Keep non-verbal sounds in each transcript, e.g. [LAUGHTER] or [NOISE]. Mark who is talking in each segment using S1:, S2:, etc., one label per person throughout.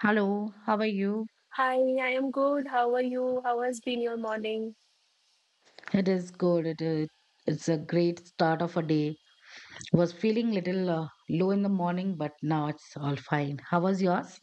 S1: Hello, how are you?
S2: Hi, I am good. How are you? How has been your morning?
S1: It is good. It's a great start of a day. Was feeling little low in the morning, but now it's all fine. How was yours?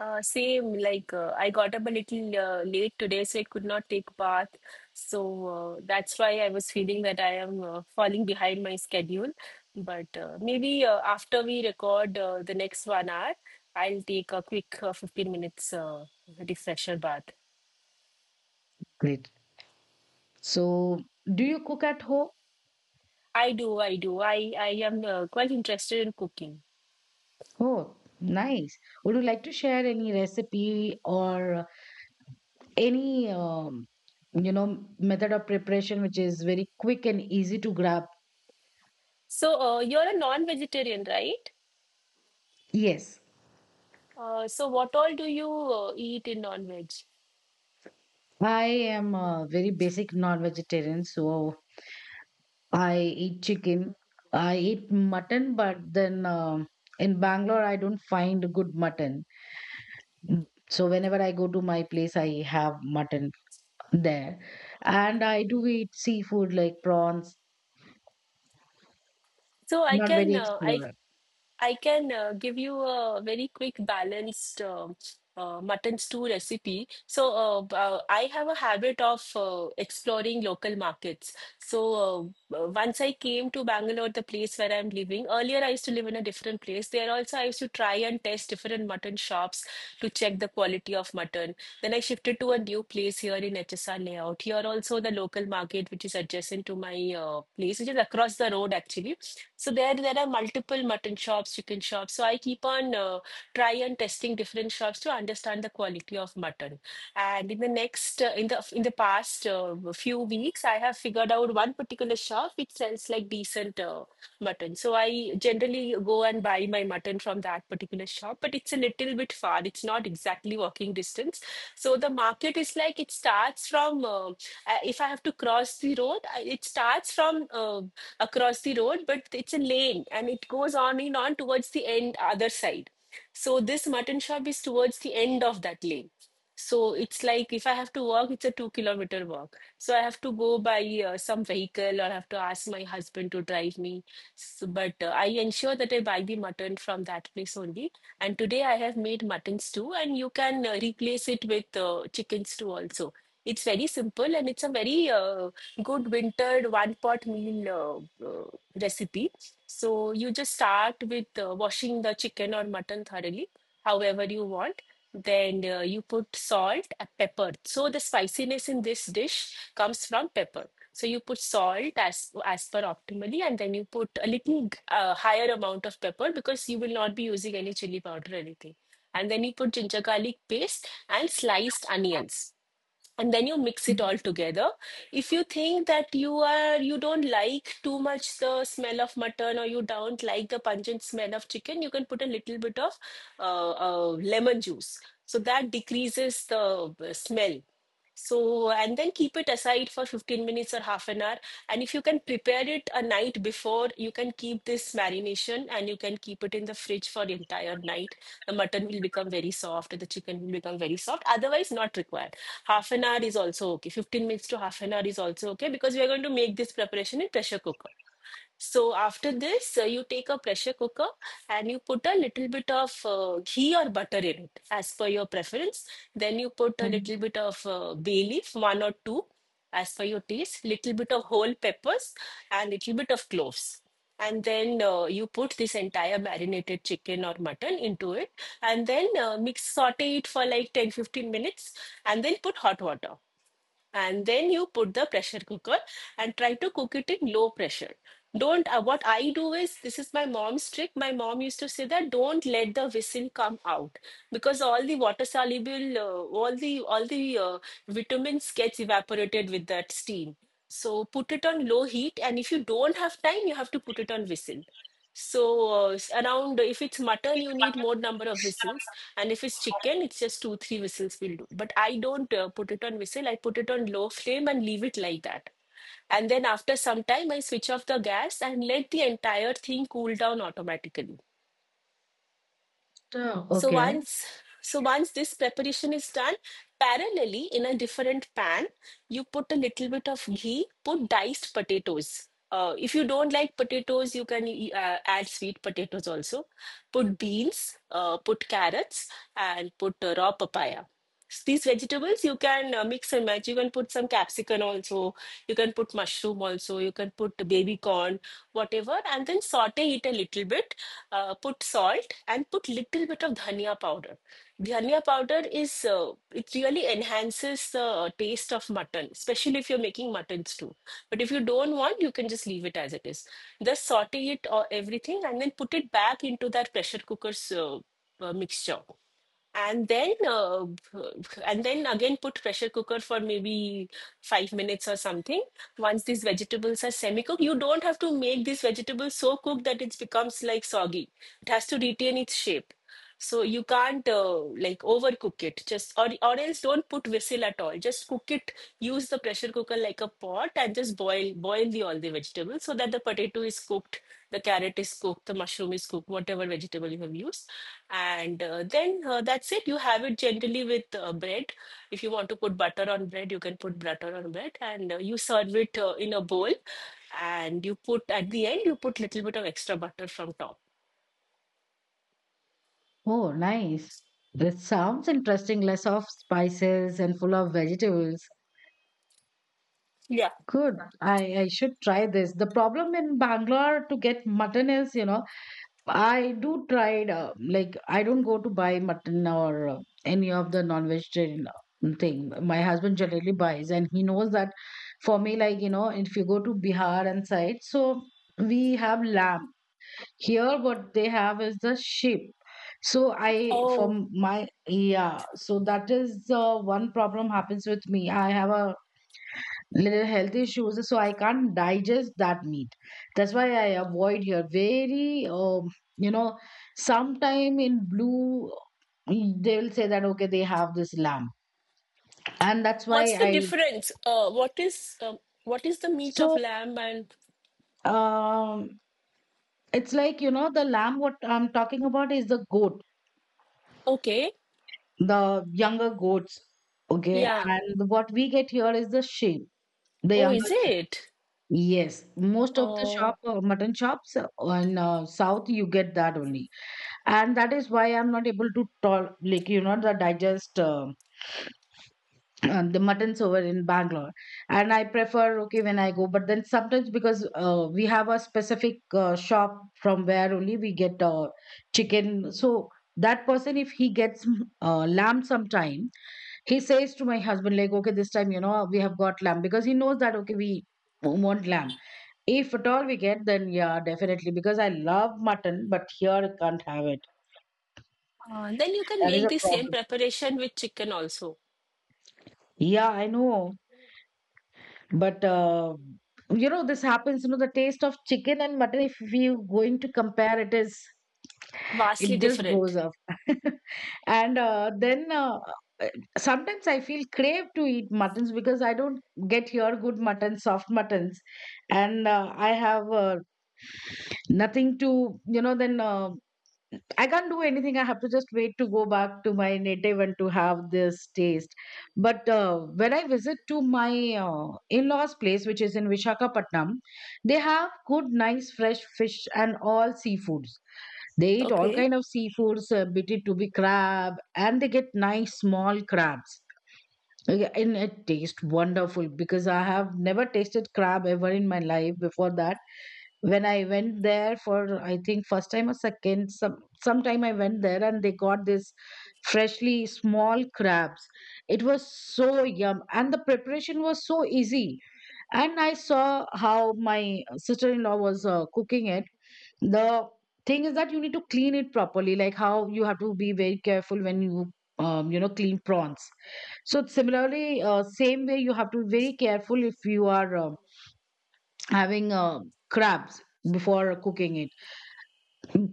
S2: Same, like I got up a little late today, so I could not take bath. So that's why I was feeling that I am falling behind my schedule. But maybe after we record the next 1 hour, I'll take a quick 15 minutes refresher bath.
S1: Great. So, do you cook at home?
S2: I do, I do. I am quite interested in cooking.
S1: Oh, nice. Would you like to share any recipe or any method of preparation which is very quick and easy to grab?
S2: So you're a non-vegetarian, right?
S1: Yes.
S2: So what all do you eat in non-veg?
S1: I am a very basic non-vegetarian, so I eat chicken. I eat mutton, but then in Bangalore, I don't find good mutton. Mm. So whenever I go to my place, I have mutton there, and I do eat seafood like prawns.
S2: So I
S1: Not
S2: can
S1: very
S2: uh, I
S1: explorer.
S2: I can give you a very quick balanced mutton stew recipe. So, I have a habit of exploring local markets. So, once I came to Bangalore, the place where I'm living, earlier I used to live in a different place. There also, I used to try and test different mutton shops to check the quality of mutton. Then I shifted to a new place here in HSR layout. Here also, the local market, which is adjacent to my place, which is across the road actually. So there are multiple mutton shops, chicken shops. So I keep on try and testing different shops to understand the quality of mutton. And in the next, in the past few weeks, I have figured out one particular shop which sells like decent. Mutton. So I generally go and buy my mutton from that particular shop, but it's a little bit far. It's not exactly walking distance. So the market is like it starts from, if I have to cross the road, it starts from across the road, but it's a lane and it goes on and on towards the end, other side. So this mutton shop is towards the end of that lane. So it's like if I have to walk, it's a 2 kilometer walk. So I have to go by some vehicle or I have to ask my husband to drive me. So, but I ensure that I buy the mutton from that place only. And today I have made mutton stew, and you can replace it with chicken stew also. It's very simple and it's a very good wintered one pot meal recipe. So you just start with washing the chicken or mutton thoroughly, however you want. Then you put salt and pepper. So the spiciness in this dish comes from pepper. So you put salt as per optimally, and then you put a little higher amount of pepper because you will not be using any chili powder or anything. And then you put ginger garlic paste and sliced onions, and then you mix it all together. If you think that you don't like too much the smell of mutton or you don't like the pungent smell of chicken, you can put a little bit of uh, uh, lemon juice, so that decreases the smell. So, and then keep it aside for 15 minutes or half an hour. And if you can prepare it a night before, you can keep this marination and you can keep it in the fridge for the entire night. The mutton will become very soft, and the chicken will become very soft. Otherwise, not required. Half an hour is also okay. 15 minutes to half an hour is also okay because we are going to make this preparation in pressure cooker. So after this, you take a pressure cooker and you put a little bit of ghee or butter in it as per your preference. Then you put a
S1: Mhm.
S2: little bit of bay leaf, one or two, as per your taste, little bit of whole peppers and little bit of cloves. And then you put this entire marinated chicken or mutton into it, and then mix saute it for like 10 15 minutes and then put hot water, and then you put the pressure cooker and try to cook it in low pressure. Don't what I do is, this is my mom's trick, my mom used to say that don't let the whistle come out because all the water soluble all the vitamins gets evaporated with that steam. So put it on low heat, and if you don't have time you have to put it on whistle. So, around, if it's mutton, you need more number of whistles, and if it's chicken, it's just two, three whistles will do. But I don't put it on whistle, I put it on low flame and leave it like that. And then after some time, I switch off the gas and let the entire thing cool down automatically.
S1: So,
S2: So
S1: okay.
S2: once so once this preparation is done, parallelly in a different pan, you put a little bit of ghee, put diced potatoes. If you don't like potatoes, you can add sweet potatoes also. Put beans, put carrots, and put raw papaya. These vegetables you can mix and match. You can put some capsicum also, you can put mushroom also, you can put baby corn, whatever, and then saute it a little bit. Put salt and put little bit of dhania powder. Dhania powder is it really enhances the taste of mutton, especially if you're making mutton stew, but if you don't want you can just leave it as it is. Just saute it or everything and then put it back into that pressure cooker's mixture, and then again put pressure cooker for maybe 5 minutes or something. Once these vegetables are semi-cooked, you don't have to make these vegetables so cooked that it becomes like soggy. It has to retain its shape. So you can't like overcook it, just, or else don't put whistle at all, just cook it. Use the pressure cooker like a pot and just boil the all the vegetables so that the potato is cooked, the carrot is cooked, the mushroom is cooked, whatever vegetable you have used. And then that's it. You have it generally with bread. If you want to put butter on bread, you can put butter on bread, and you serve it in a bowl. And you put at the end, you put little bit of extra butter from top.
S1: Oh, nice. This sounds interesting. Less of spices and full of vegetables.
S2: Yeah.
S1: Good. I should try this. The problem in Bangalore to get mutton is, you know, I do tried like I don't go to buy mutton or any of the non-vegetarian thing. My husband generally buys, and he knows that for me, like you know, if you go to Bihar and side, so we have lamb here. What they have is the sheep. So I
S2: Oh,
S1: from my yeah. So that is one problem happens with me. I have a little health issues, so I can't digest that meat. That's why I avoid here very you know sometime in blue they will say that okay they have this lamb, and that's why
S2: what's the
S1: I
S2: difference? What is what is the meat of
S1: so
S2: lamb and
S1: um it's like, you know, the lamb what I'm talking about is the goat,
S2: okay,
S1: the younger goats. Okay,
S2: yeah.
S1: and what we get here is the sheep, the
S2: Oh, is
S1: younger sheep.
S2: it?
S1: Yes, most of the shop
S2: Oh,
S1: mutton shops in south you get that only, and that is why I'm not able to talk like, you know, the digest [CLEARS THROAT] the muttons over in Bangalore. And I prefer okay when I go, but then sometimes because we have a specific shop from where only we get chicken, so that person if he gets lamb sometime, he says to my husband like okay this time, you know, we have got lamb because he knows that okay we want lamb. If at all we get, then yeah, definitely, because I love mutton, but here I can't have it.
S2: then you can
S1: That is
S2: make
S1: a
S2: the same
S1: problem.
S2: preparation with chicken also.
S1: Yeah, I know. But you know, this happens. You know, the taste of chicken and mutton, if we're going to compare, it is
S2: Vastly
S1: it just goes
S2: different.
S1: up. [LAUGHS] And then uh, sometimes I feel crave to eat muttons because I don't get here good mutton, soft muttons, and I have nothing to, you know. Then I can't do anything. I have to just wait to go back to my native and to have this taste. But when I visit to my in-laws' place, which is in Vishakhapatnam, they have good, nice, fresh fish and all seafoods. They eat all
S2: Okay.
S1: kind of seafoods, be it to be crab, and they get nice small crabs. Yeah, and it tastes wonderful because I have never tasted crab ever in my life before that. When I went there for I think first time or second, sometime I went there and they got this freshly small crabs. It was so yum and the preparation was so easy. And I saw how my sister-in-law was cooking it. The thing is that you need to clean it properly, like how you have to be very careful when you you know, clean prawns. So similarly, same way you have to be very careful if you are having crabs before cooking it,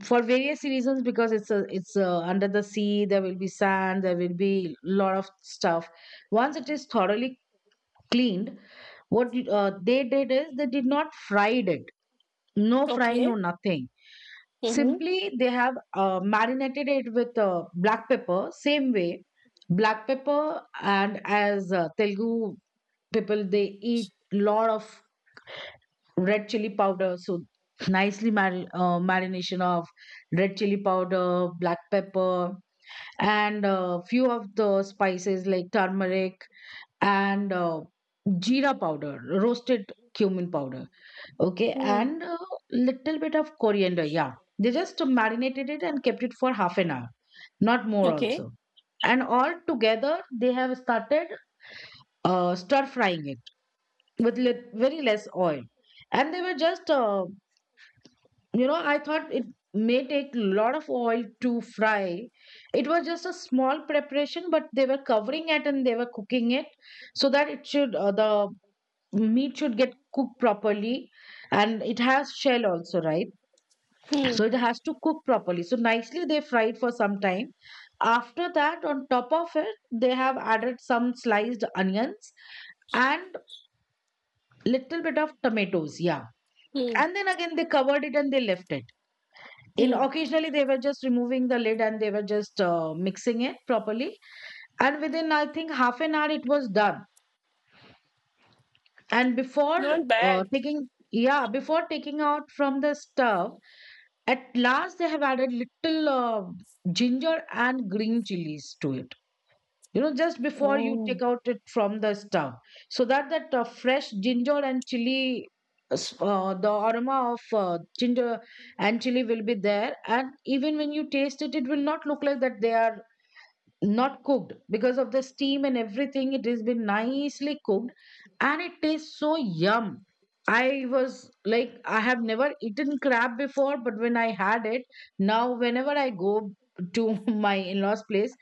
S1: for various reasons, because it's under the sea, there will be sand, there will be lot of stuff. Once it is thoroughly cleaned, they did is they did not fried it. No frying, no
S2: Okay.
S1: nothing.
S2: Mm-hmm.
S1: Simply they have marinated it with black pepper, same way. Black pepper, and as Telugu people, they eat lot of red chili powder. So nicely marination of red chili powder, black pepper, and few of the spices like turmeric and jeera powder, roasted cumin powder, okay, and little bit of coriander, yeah. They just marinated it and kept it for half an hour, not more
S2: Okay.
S1: also. And all together they have started stir frying it with very less oil. And they were just you know, I thought it may take a lot of oil to fry. It was just a small preparation, but they were covering it and they were cooking it so that it should, the meat should get cooked properly. And it has shell also, right?
S2: Hmm.
S1: So it has to cook properly. So nicely they fried for some time. After that, on top of it, they have added some sliced onions and little bit of tomatoes. Yeah.
S2: Hmm.
S1: And then again, they covered it and they left it. In
S2: Hmm.
S1: occasionally they were just removing the lid and they were just mixing it properly, and within I think half an hour it was done. And before
S2: Not bad.
S1: taking yeah, before taking out from the stove, at last they have added little ginger and green chilies to it, you know, just before you
S2: Oh,
S1: take out it from the stove, so that that fresh ginger and chili the aroma of ginger and chili will be there. And even when you taste it, it will not look like that they are not cooked. Because of the steam and everything, it has been nicely cooked and it tastes so yum. I was like, I have never eaten crab before, but when I had it, now whenever I go to [LAUGHS] my in-laws place,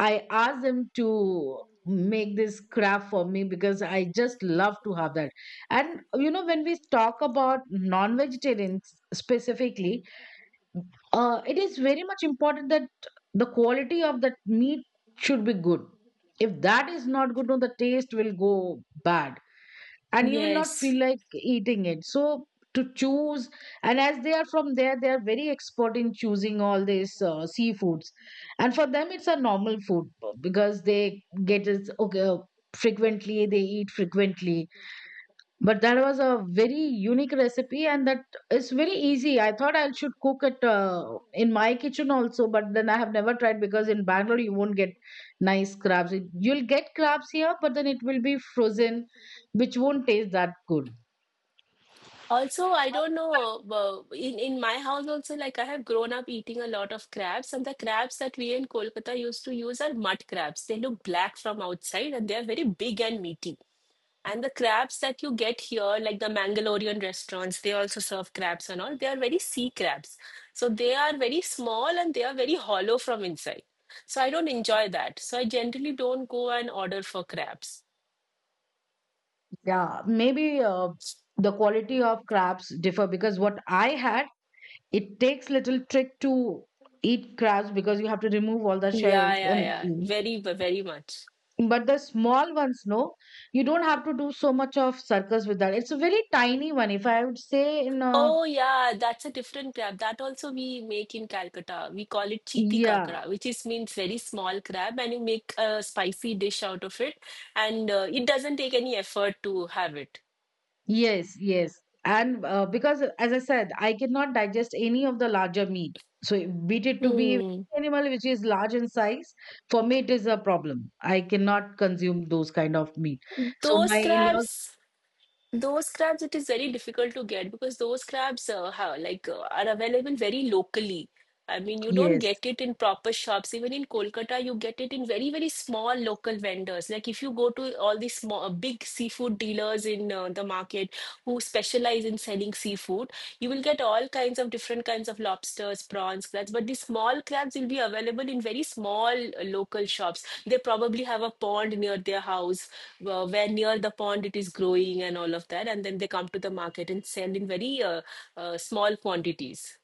S1: I asked them to make this craft for me because I just love to have that. And you know, when we talk about non vegetarians specifically, it is very much important that the quality of that meat should be good. If that is not good, no, the taste will go bad and you will not
S2: yes.
S1: feel like eating it. So to choose, and as they are from there, they are very expert in choosing all these seafoods, and for them it's a normal food because they get it, okay, frequently. They eat frequently, but that was a very unique recipe and that is very easy. I thought I should cook it in my kitchen also, but then I have never tried because in Bangalore you won't get nice crabs. You'll get crabs here, but then it will be frozen, which won't taste that good.
S2: Also, I don't know. In my house also, like I have grown up eating a lot of crabs, and the crabs that we in Kolkata used to use are mud crabs. They look black from outside, and they are very big and meaty. And the crabs that you get here, like the Mangalorean restaurants, they also serve crabs and all. They are very sea crabs. So they are very small and they are very hollow from inside. So I don't enjoy that. So I generally don't go and order for crabs.
S1: Yeah, maybe the quality of crabs differ. Because what I had, it takes little trick to eat crabs because you have to remove all the
S2: Yeah,
S1: shells
S2: yeah,
S1: and,
S2: yeah. Very, very much.
S1: but the small ones, no, you don't have to do so much of circus with that. It's a very tiny one, if I would say.
S2: Oh, yeah, that's a different crab. That also we make in Calcutta. We call it chiti
S1: Yeah,
S2: kakra, which is means very small crab, and you make a spicy dish out of it, and it doesn't take any effort to have it.
S1: yes, yes, and because as I said, I cannot digest any of the larger meat. So beat it to be
S2: Hmm.
S1: animal which is large in size, for me it is a problem. I cannot consume those kind of meat. So
S2: Those
S1: my in-laws,
S2: crabs, those crabs, it is very difficult to get because those crabs how, like are available very locally. I mean, you don't
S1: yes.
S2: get it in proper shops. Even in Kolkata, you get it in very, very small local vendors. Like if you go to all these small, big seafood dealers in the market, who specialize in selling seafood, you will get all kinds of different kinds of lobsters, prawns, crabs, but the small crabs will be available in very small local shops. They probably have a pond near their house, where near the pond it is growing and all of that, and then they come to the market and sell in very small quantities.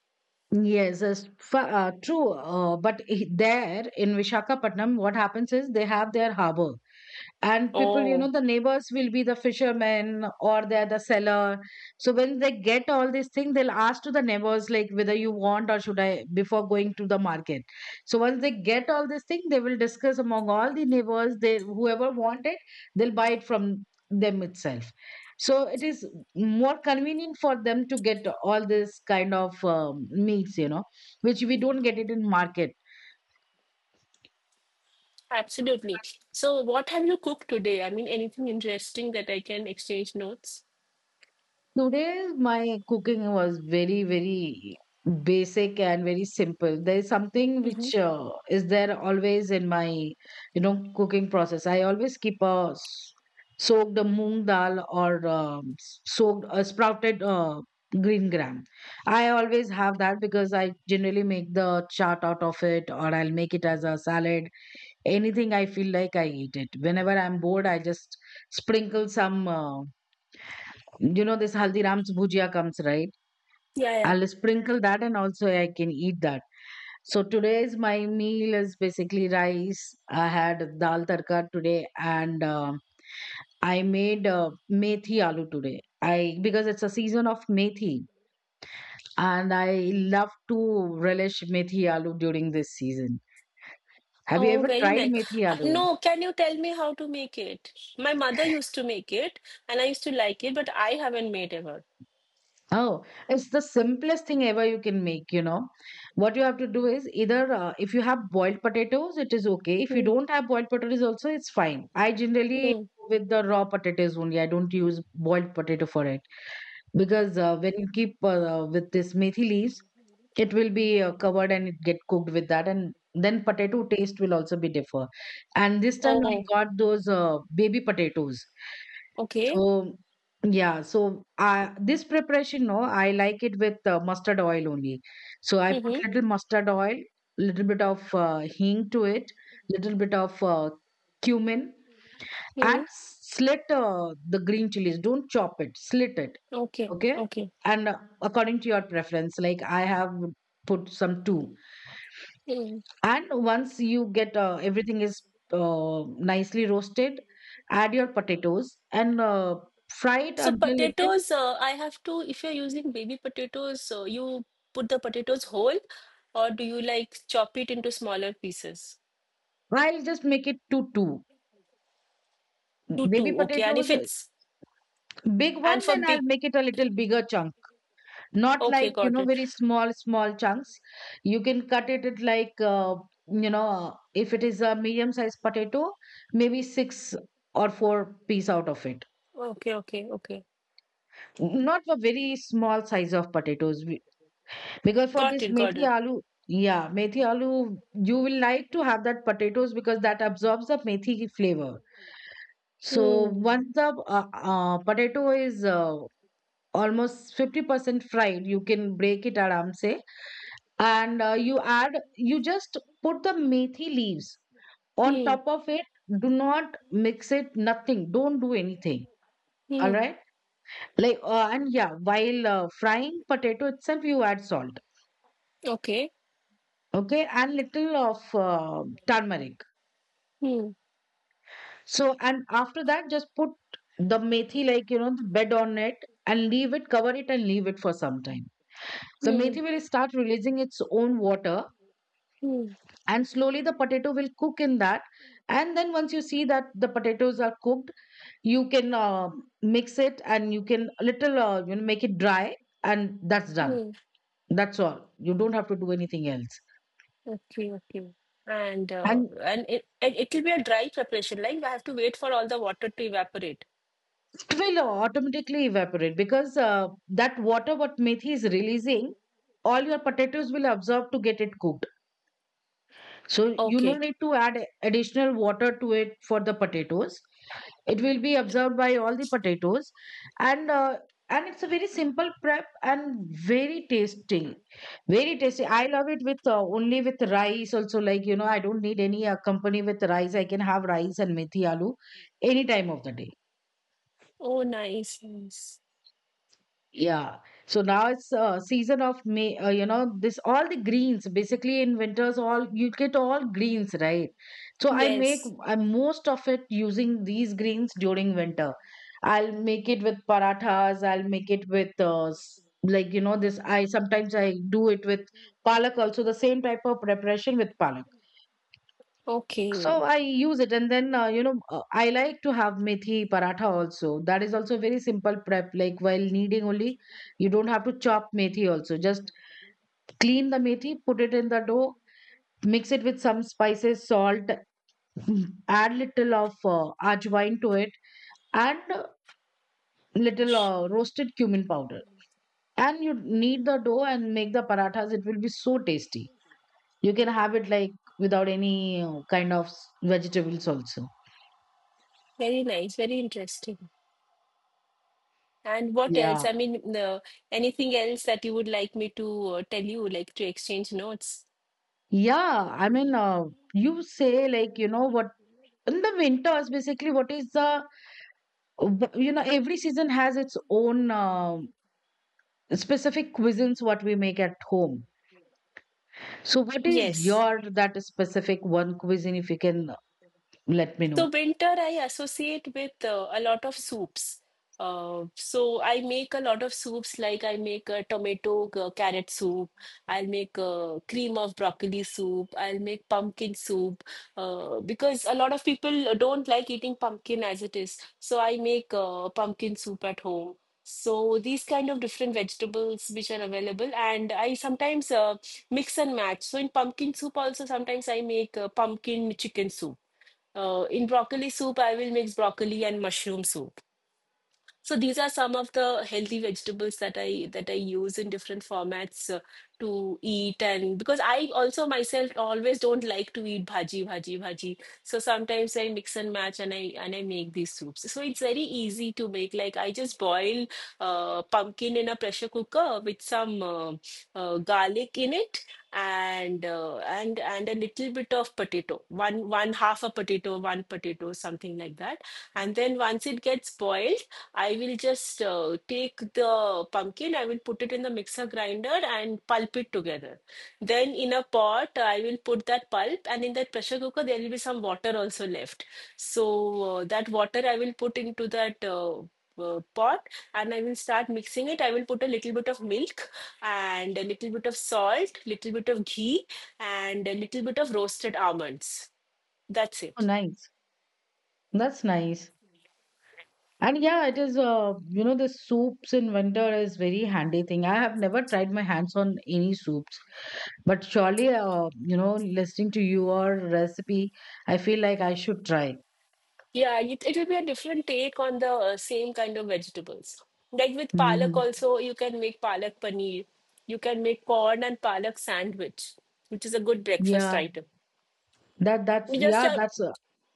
S1: Yes, that's true. But there in Vishakhapatnam, what happens is they have their harbor. And people, you know,
S2: Oh,
S1: the neighbors will be the fishermen or they're the seller. So when they get all these things, they'll ask to the neighbors like whether you want or should I before going to the market. So once they get all these things, they will discuss among all the neighbors. They whoever want it, they'll buy it from them itself. So it is more convenient for them to get all this kind of meats, you know, which we don't get it in market.
S2: absolutely. So what have you cooked today? I mean, anything interesting that I can exchange notes?
S1: Today, my cooking was very, very basic and very simple. There is something
S2: Hmm.
S1: which is there always in my, you know, cooking process. I always keep a soaked a moong dal or soaked a sprouted green gram. I always have that because I generally make the chart out of it, or I'll make it as a salad. Anything I feel like, I eat it. Whenever I'm bored, I just sprinkle some. You know this Haldiram's bhujia comes, right?
S2: Yeah, yeah.
S1: I'll sprinkle that and also I can eat that. So today's my meal is basically rice. I had dal tarka today and I made methi aloo today. I because it's a season of methi and I love to relish methi aloo during this season. Have you
S2: Oh,
S1: ever
S2: very
S1: tried
S2: nice.
S1: methi aloo?
S2: No, can you tell me how to make it? My mother used to make it and I used to like it, but I haven't made ever.
S1: Oh, it's the simplest thing ever you can make, you know. What you have to do is either if you have boiled potatoes, it is okay. If you
S2: Hmm.
S1: don't have boiled potatoes, also it's fine. I generally
S2: Hmm.
S1: go with the raw potatoes only. I don't use boiled potato for it because when you keep with this methi leaves it will be covered and it get cooked with that, and then potato taste will also be differ. And this time I
S2: Oh,
S1: got those baby potatoes.
S2: okay.
S1: So yeah, so this preparation, no, I like it with mustard oil only. So I
S2: Mm-hmm.
S1: put little mustard oil, little bit of hing to it, little bit of cumin,
S2: Hmm.
S1: and slit the green chilies. Don't chop it, slit it.
S2: Okay.
S1: Okay.
S2: Okay.
S1: And according to your preference, like, I have put some two.
S2: Mm.
S1: And once you get everything is uh, nicely roasted, add your potatoes and fry it
S2: So
S1: until it
S2: potatoes,
S1: is.
S2: I have to, if you're using baby potatoes, you put the potatoes whole or do you like chop it into smaller pieces?
S1: I'll just make it to two.
S2: Two,
S1: Baby
S2: two. Okay. And if
S1: potatoes,
S2: it's,
S1: big
S2: and
S1: one,
S2: for
S1: then I'll
S2: big,
S1: make it a little bigger chunk, not
S2: okay,
S1: like, you
S2: got
S1: know,
S2: it.
S1: very small small chunks. You can cut it at, like, you know, if it is a medium sized potato, maybe six or four-piece out of it.
S2: Okay, okay, okay.
S1: Not a very small size of potatoes. Because for
S2: Got
S1: this
S2: it, got
S1: methi
S2: it.
S1: aloo, yeah, methi aloo, you will like to have that potatoes because that absorbs the methi flavor. So
S2: Hmm.
S1: once the potato is almost 50% fried, you can break it aram se. And you add, you just put the methi leaves on
S2: Hmm.
S1: top of it. Do not mix it, nothing, don't do anything. All
S2: Hmm.
S1: right. Like and yeah, while frying potato itself, you add salt.
S2: Okay.
S1: Okay. And little of turmeric.
S2: Hmm.
S1: So, and after that just put the methi, like, you know, the bed on it, and leave it, cover it and leave it for some time. The
S2: Hmm.
S1: methi will start releasing its own water,
S2: Hmm.
S1: and slowly the potato will cook in that. And then once you see that the potatoes are cooked, you can mix it, and you can a little you know, make it dry, and that's done.
S2: Hmm.
S1: That's all, you don't have to do anything else.
S2: Okay. Okay.
S1: And
S2: And it'll be a dry preparation. Like I have to wait for all the water to evaporate.
S1: it will automatically evaporate because that water what methi is releasing, all your potatoes will absorb to get it cooked. So you no
S2: Okay.
S1: need to add additional water to it for the potatoes, it will be absorbed by all the potatoes. And uh, and it's a very simple prep and very tasty. Very tasty, I love it with only with rice also, like, you know, I don't need any company with rice. I can have rice and methi aloo any time of the day.
S2: Oh, nice. Nice.
S1: Yeah. So now it's season of May. You know, this all the greens, basically in winters all you get all greens, right. So I make,
S2: Yes.
S1: I most of it using these greens during winter. I'll make it with parathas. I'll make it with like, you know, this. I sometimes I do it with palak also, the same type of preparation with palak. So
S2: Okay.
S1: I use it, and then you know, I like to have methi paratha also. That is also very simple prep. Like, while kneading only, you don't have to chop methi also. Just clean the methi, put it in the dough, mix it with some spices, salt, [CLEARS THROAT] [LAUGHS] add little of ajwain to it, and little roasted cumin powder. And you knead the dough and make the parathas. It will be so tasty. You can have it like without any kind of vegetables also.
S2: Very nice. Very interesting. And what else?
S1: Yeah.
S2: Anything else that you would like me to tell you, like to exchange notes?
S1: Yeah, I mean, you say, like, you know, what in the winters, basically, what is the, you know, every season has its own specific cuisines what we make at home. So, what is
S2: Yes.
S1: your that specific one cuisine, if you can let me
S2: So
S1: know?
S2: winter I associate with a lot of soups. So I make a lot of soups. Like I make a tomato carrot soup, I'll make a cream of broccoli soup, I'll make pumpkin soup because a lot of people don't like eating pumpkin as it is. So I make pumpkin soup at home. So these kind of different vegetables which are available, and I sometimes mix and match. So in pumpkin soup also, sometimes I make pumpkin chicken soup. In broccoli soup, I will mix broccoli and mushroom soup. So these are some of the healthy vegetables that I use in different formats to eat. And because I also myself always don't like to eat bhaji bhaji bhaji, so sometimes I mix and match and I make these soups. So it's very easy to make. Like I just boil pumpkin in a pressure cooker with some garlic in it, and a little bit of potato, one half a potato, one potato, something like that. And then once it gets boiled, I will just take the pumpkin, I will put it in the mixer grinder and pulp it together. Then in a pot, I will put that pulp, and in that pressure cooker, there will be some water also left. So that water I will put into that pot, and I will start mixing it. I will put a little bit of milk and a little bit of salt, little bit of ghee, and a little bit of roasted almonds. That's
S1: Oh,
S2: it.
S1: nice. That's nice. And yeah, it is, you know, the soups in winter is very handy thing. I have never tried my hands on any soups, but surely, you know, listening to your recipe, I feel like I should try.
S2: Yeah, it will be a different take on the same kind of vegetables. Like with palak
S1: Hmm.
S2: also, you can make palak paneer. You can make corn and palak sandwich, which is a good breakfast
S1: Yeah,
S2: item.
S1: that's
S2: You just
S1: yeah,
S2: have,
S1: that's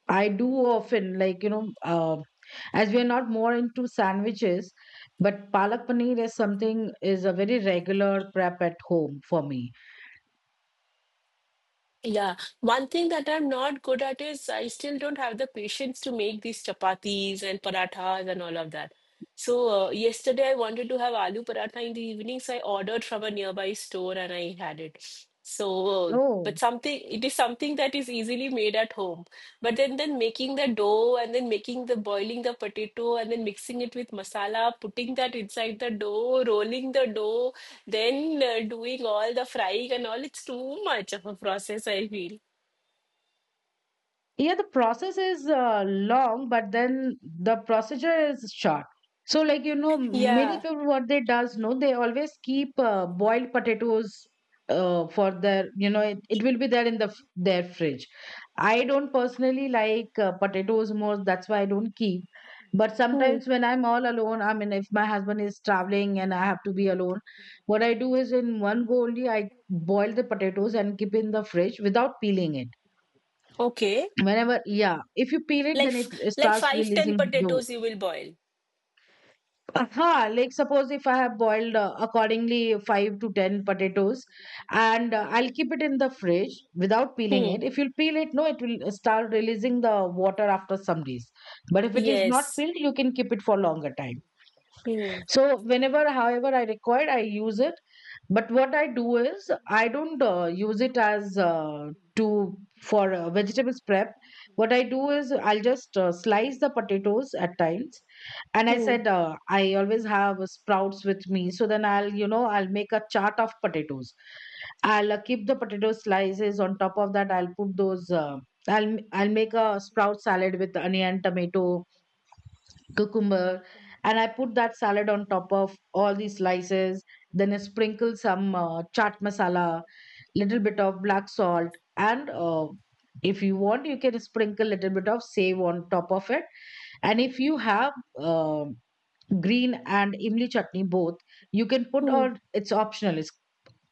S1: I do often, like, you know, uh, as we are not more into sandwiches, but palak paneer is something, is a very regular prep at home for me.
S2: yeah. One thing that I'm not good at is I still don't have the patience to make these chapatis and parathas and all of that. So, yesterday I wanted to have aloo paratha in the evening, so I ordered from a nearby store and I had it. So, but
S1: Oh,
S2: something, it is something that is easily made at home. But then making the dough and then making the boiling the potato and then mixing it with masala, putting that inside the dough, rolling the dough, then doing all the frying and all, it's too much of a process, I feel.
S1: yeah, the process is long, but then the procedure is short. So, like, you know, many
S2: Yeah.
S1: people what they does know, they always keep boiled potatoes for their, you know, it will be there in the their fridge. I don't personally like potatoes more, that's why I don't keep. But
S2: Hmm.
S1: sometimes when I'm all alone, I mean, if my husband is traveling and I have to be alone, what I do is in one go only I boil the potatoes and keep in the fridge without peeling it.
S2: Okay.
S1: Whenever, yeah, if you peel it
S2: Like,
S1: then it
S2: like
S1: starts
S2: five, ten
S1: releasing the.
S2: potatoes you will boil.
S1: Aha, like suppose if I have boiled accordingly 5 to 10 potatoes, and I'll keep it in the fridge without peeling
S2: Hmm.
S1: it. If you peel it, no, it will start releasing the water after some days. But if it is not
S2: Yes.
S1: peeled, you can keep it for longer time.
S2: Hmm.
S1: So whenever, however I require, I use it. But what I do is I don't use it as to for vegetables prep. What I do is I'll just slice the potatoes at times. And I
S2: Hmm.
S1: said I always have sprouts with me, so then I'll, you know, I'll make a chart of potatoes. I'll keep the potato slices on top of that. I'll put those. I'll make a sprout salad with onion, tomato, cucumber, and I put that salad on top of all these slices. Then I sprinkle some chaat masala, little bit of black salt, and if you want, you can sprinkle little bit of save on top of it. And if you have um green and imli chutney both, you can put
S2: Hmm.
S1: on. It's optional. It's,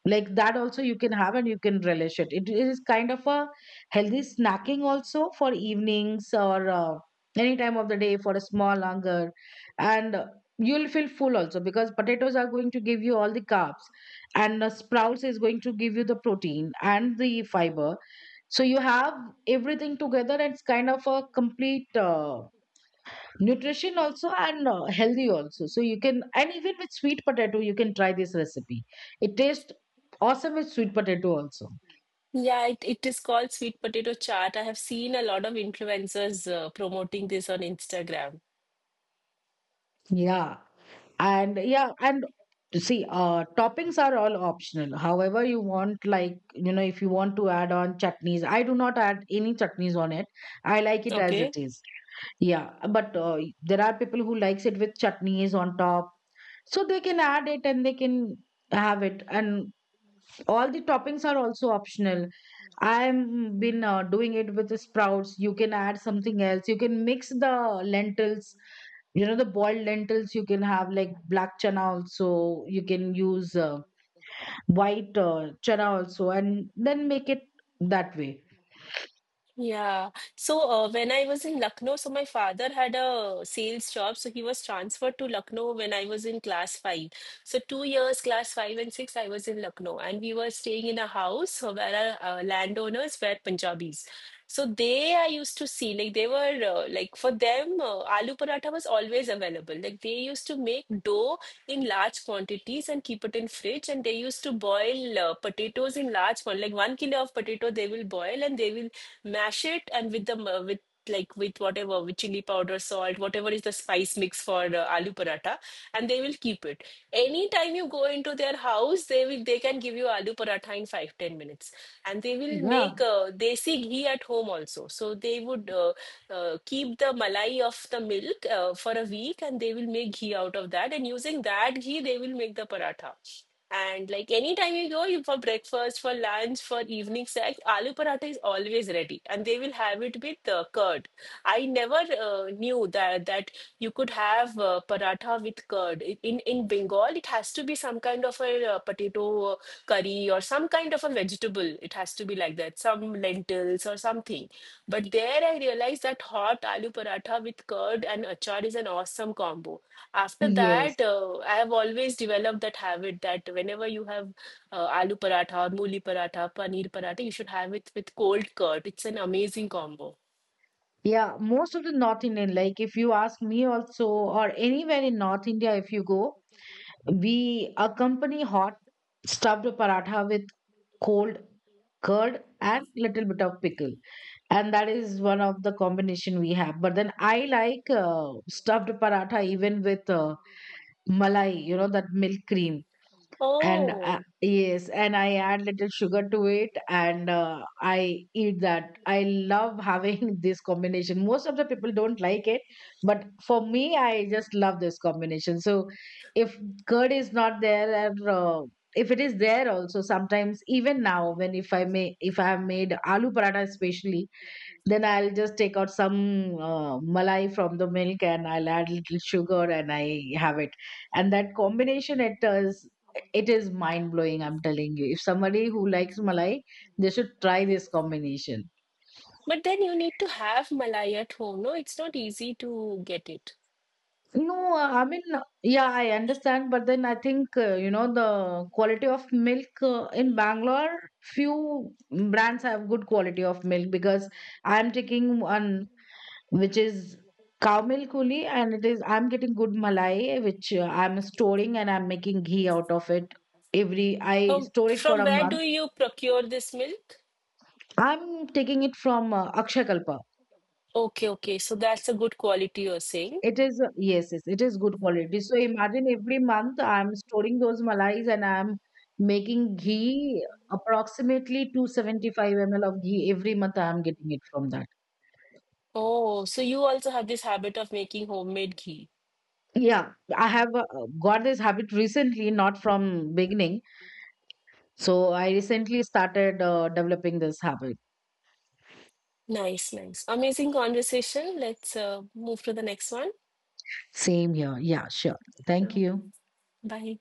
S1: like, that also you can have and you can relish it. It is kind of a healthy snacking also for evenings or any time of the day for a small hunger. And you'll feel full also because potatoes are going to give you all the carbs, and sprouts is going to give you the protein and the fiber. So you have everything together, and it's kind of a complete nutrition also, and healthy also. So you can, and even with sweet potato you can try this recipe. It tastes awesome with sweet potato also.
S2: Yeah, it is called sweet potato chaat. I have seen a lot of influencers promoting this on Instagram.
S1: Yeah. And yeah, and see, toppings are all optional, however you want. Like, you know, if you want to add on chutneys, I do not add any chutneys on it. I like it as it
S2: Okay.
S1: is. Yeah, but there are people who likes it with chutneys on top, so they can add it, and they can have it. And all the toppings are also optional. I have been doing it with the sprouts. You can add something else. You can mix the lentils. You know, the boiled lentils. You can have like black chana also. You can use white chana also, and then make it that way.
S2: Yeah. So when I was in Lucknow, so my father had a sales job. So he was transferred to Lucknow when I was in class five. So 2 years, class five and six, I was in Lucknow, and we were staying in a house where our landowners were Punjabis. So they, I used to see, like they were like for them, aloo paratha was always available. Like they used to make dough in large quantities and keep it in fridge, and they used to boil potatoes in large one, like 1 kilo of potato they will boil, and they will mash it, and with with like with whatever, with chili powder, salt, whatever is the spice mix for aloo paratha, and they will keep it. Anytime you go into their house, they will, they can give you aloo paratha in 5, 10 minutes. And they will make
S1: Yeah.
S2: desi ghee at home also. So they would keep the malai of the milk for a week, and they will make ghee out of that. And using that ghee, they will make the paratha. And like anytime you go you, for breakfast, for lunch, for evening snack, aloo paratha is always ready. And they will have it with curd. I never knew that you could have paratha with curd. In Bengal, it has to be some kind of a potato curry or some kind of a vegetable. It has to be like that, some lentils or something. But there I realized that hot aloo paratha with curd and achar is an awesome combo. After that,
S1: Yes.
S2: I have always developed that habit that whenever you have aloo paratha or mooli paratha, paneer paratha, you should have it with cold curd. It's an amazing combo.
S1: Yeah. Most of the North Indian, like, if you ask me also, or anywhere in North India, if you go, we accompany hot stuffed paratha with cold curd and little bit of pickle, and that is one of the combination we have. But then I like stuffed paratha even with malai, you know, that milk cream. And
S2: Oh,
S1: yes, and I add little sugar to it, and I eat that. I love having [LAUGHS] this combination. Most of the people don't like it, but for me, I just love this combination. So if curd is not there, and if it is there also, sometimes even now when, if I may, if I have made aloo paratha especially, then I'll just take out some malai from the milk, and I'll add little sugar, and I have it. And that combination, it does, it is mind blowing, I'm telling you. If somebody who likes malai, they should try this combination.
S2: but then you need to have malai at home. No, it's not easy to get it.
S1: No, I mean, yeah, I understand, but then I think, you know, the quality of milk in Bangalore, few brands have good quality of milk because I'm taking one which is cow milk only, and it is, I'm getting good malai, which I'm storing and I'm making ghee out of it every, I
S2: From
S1: store it for
S2: from
S1: a
S2: where do
S1: month.
S2: you procure this milk?
S1: I'm taking it from Akshakalpa.
S2: Okay, okay. So that's a good quality you're saying.
S1: It is, yes, yes, it is good quality. So imagine every month I'm storing those malais and I'm making ghee, approximately 275 ml of ghee every month. I'm getting it from that.
S2: Oh, so you also have this habit of making homemade ghee.
S1: Yeah, I have got this habit recently, not from beginning. So I recently started developing this habit.
S2: Nice, nice. Amazing conversation. Let's move to the next one.
S1: Same here. Yeah, sure. Thank
S2: Okay.
S1: you.
S2: Bye.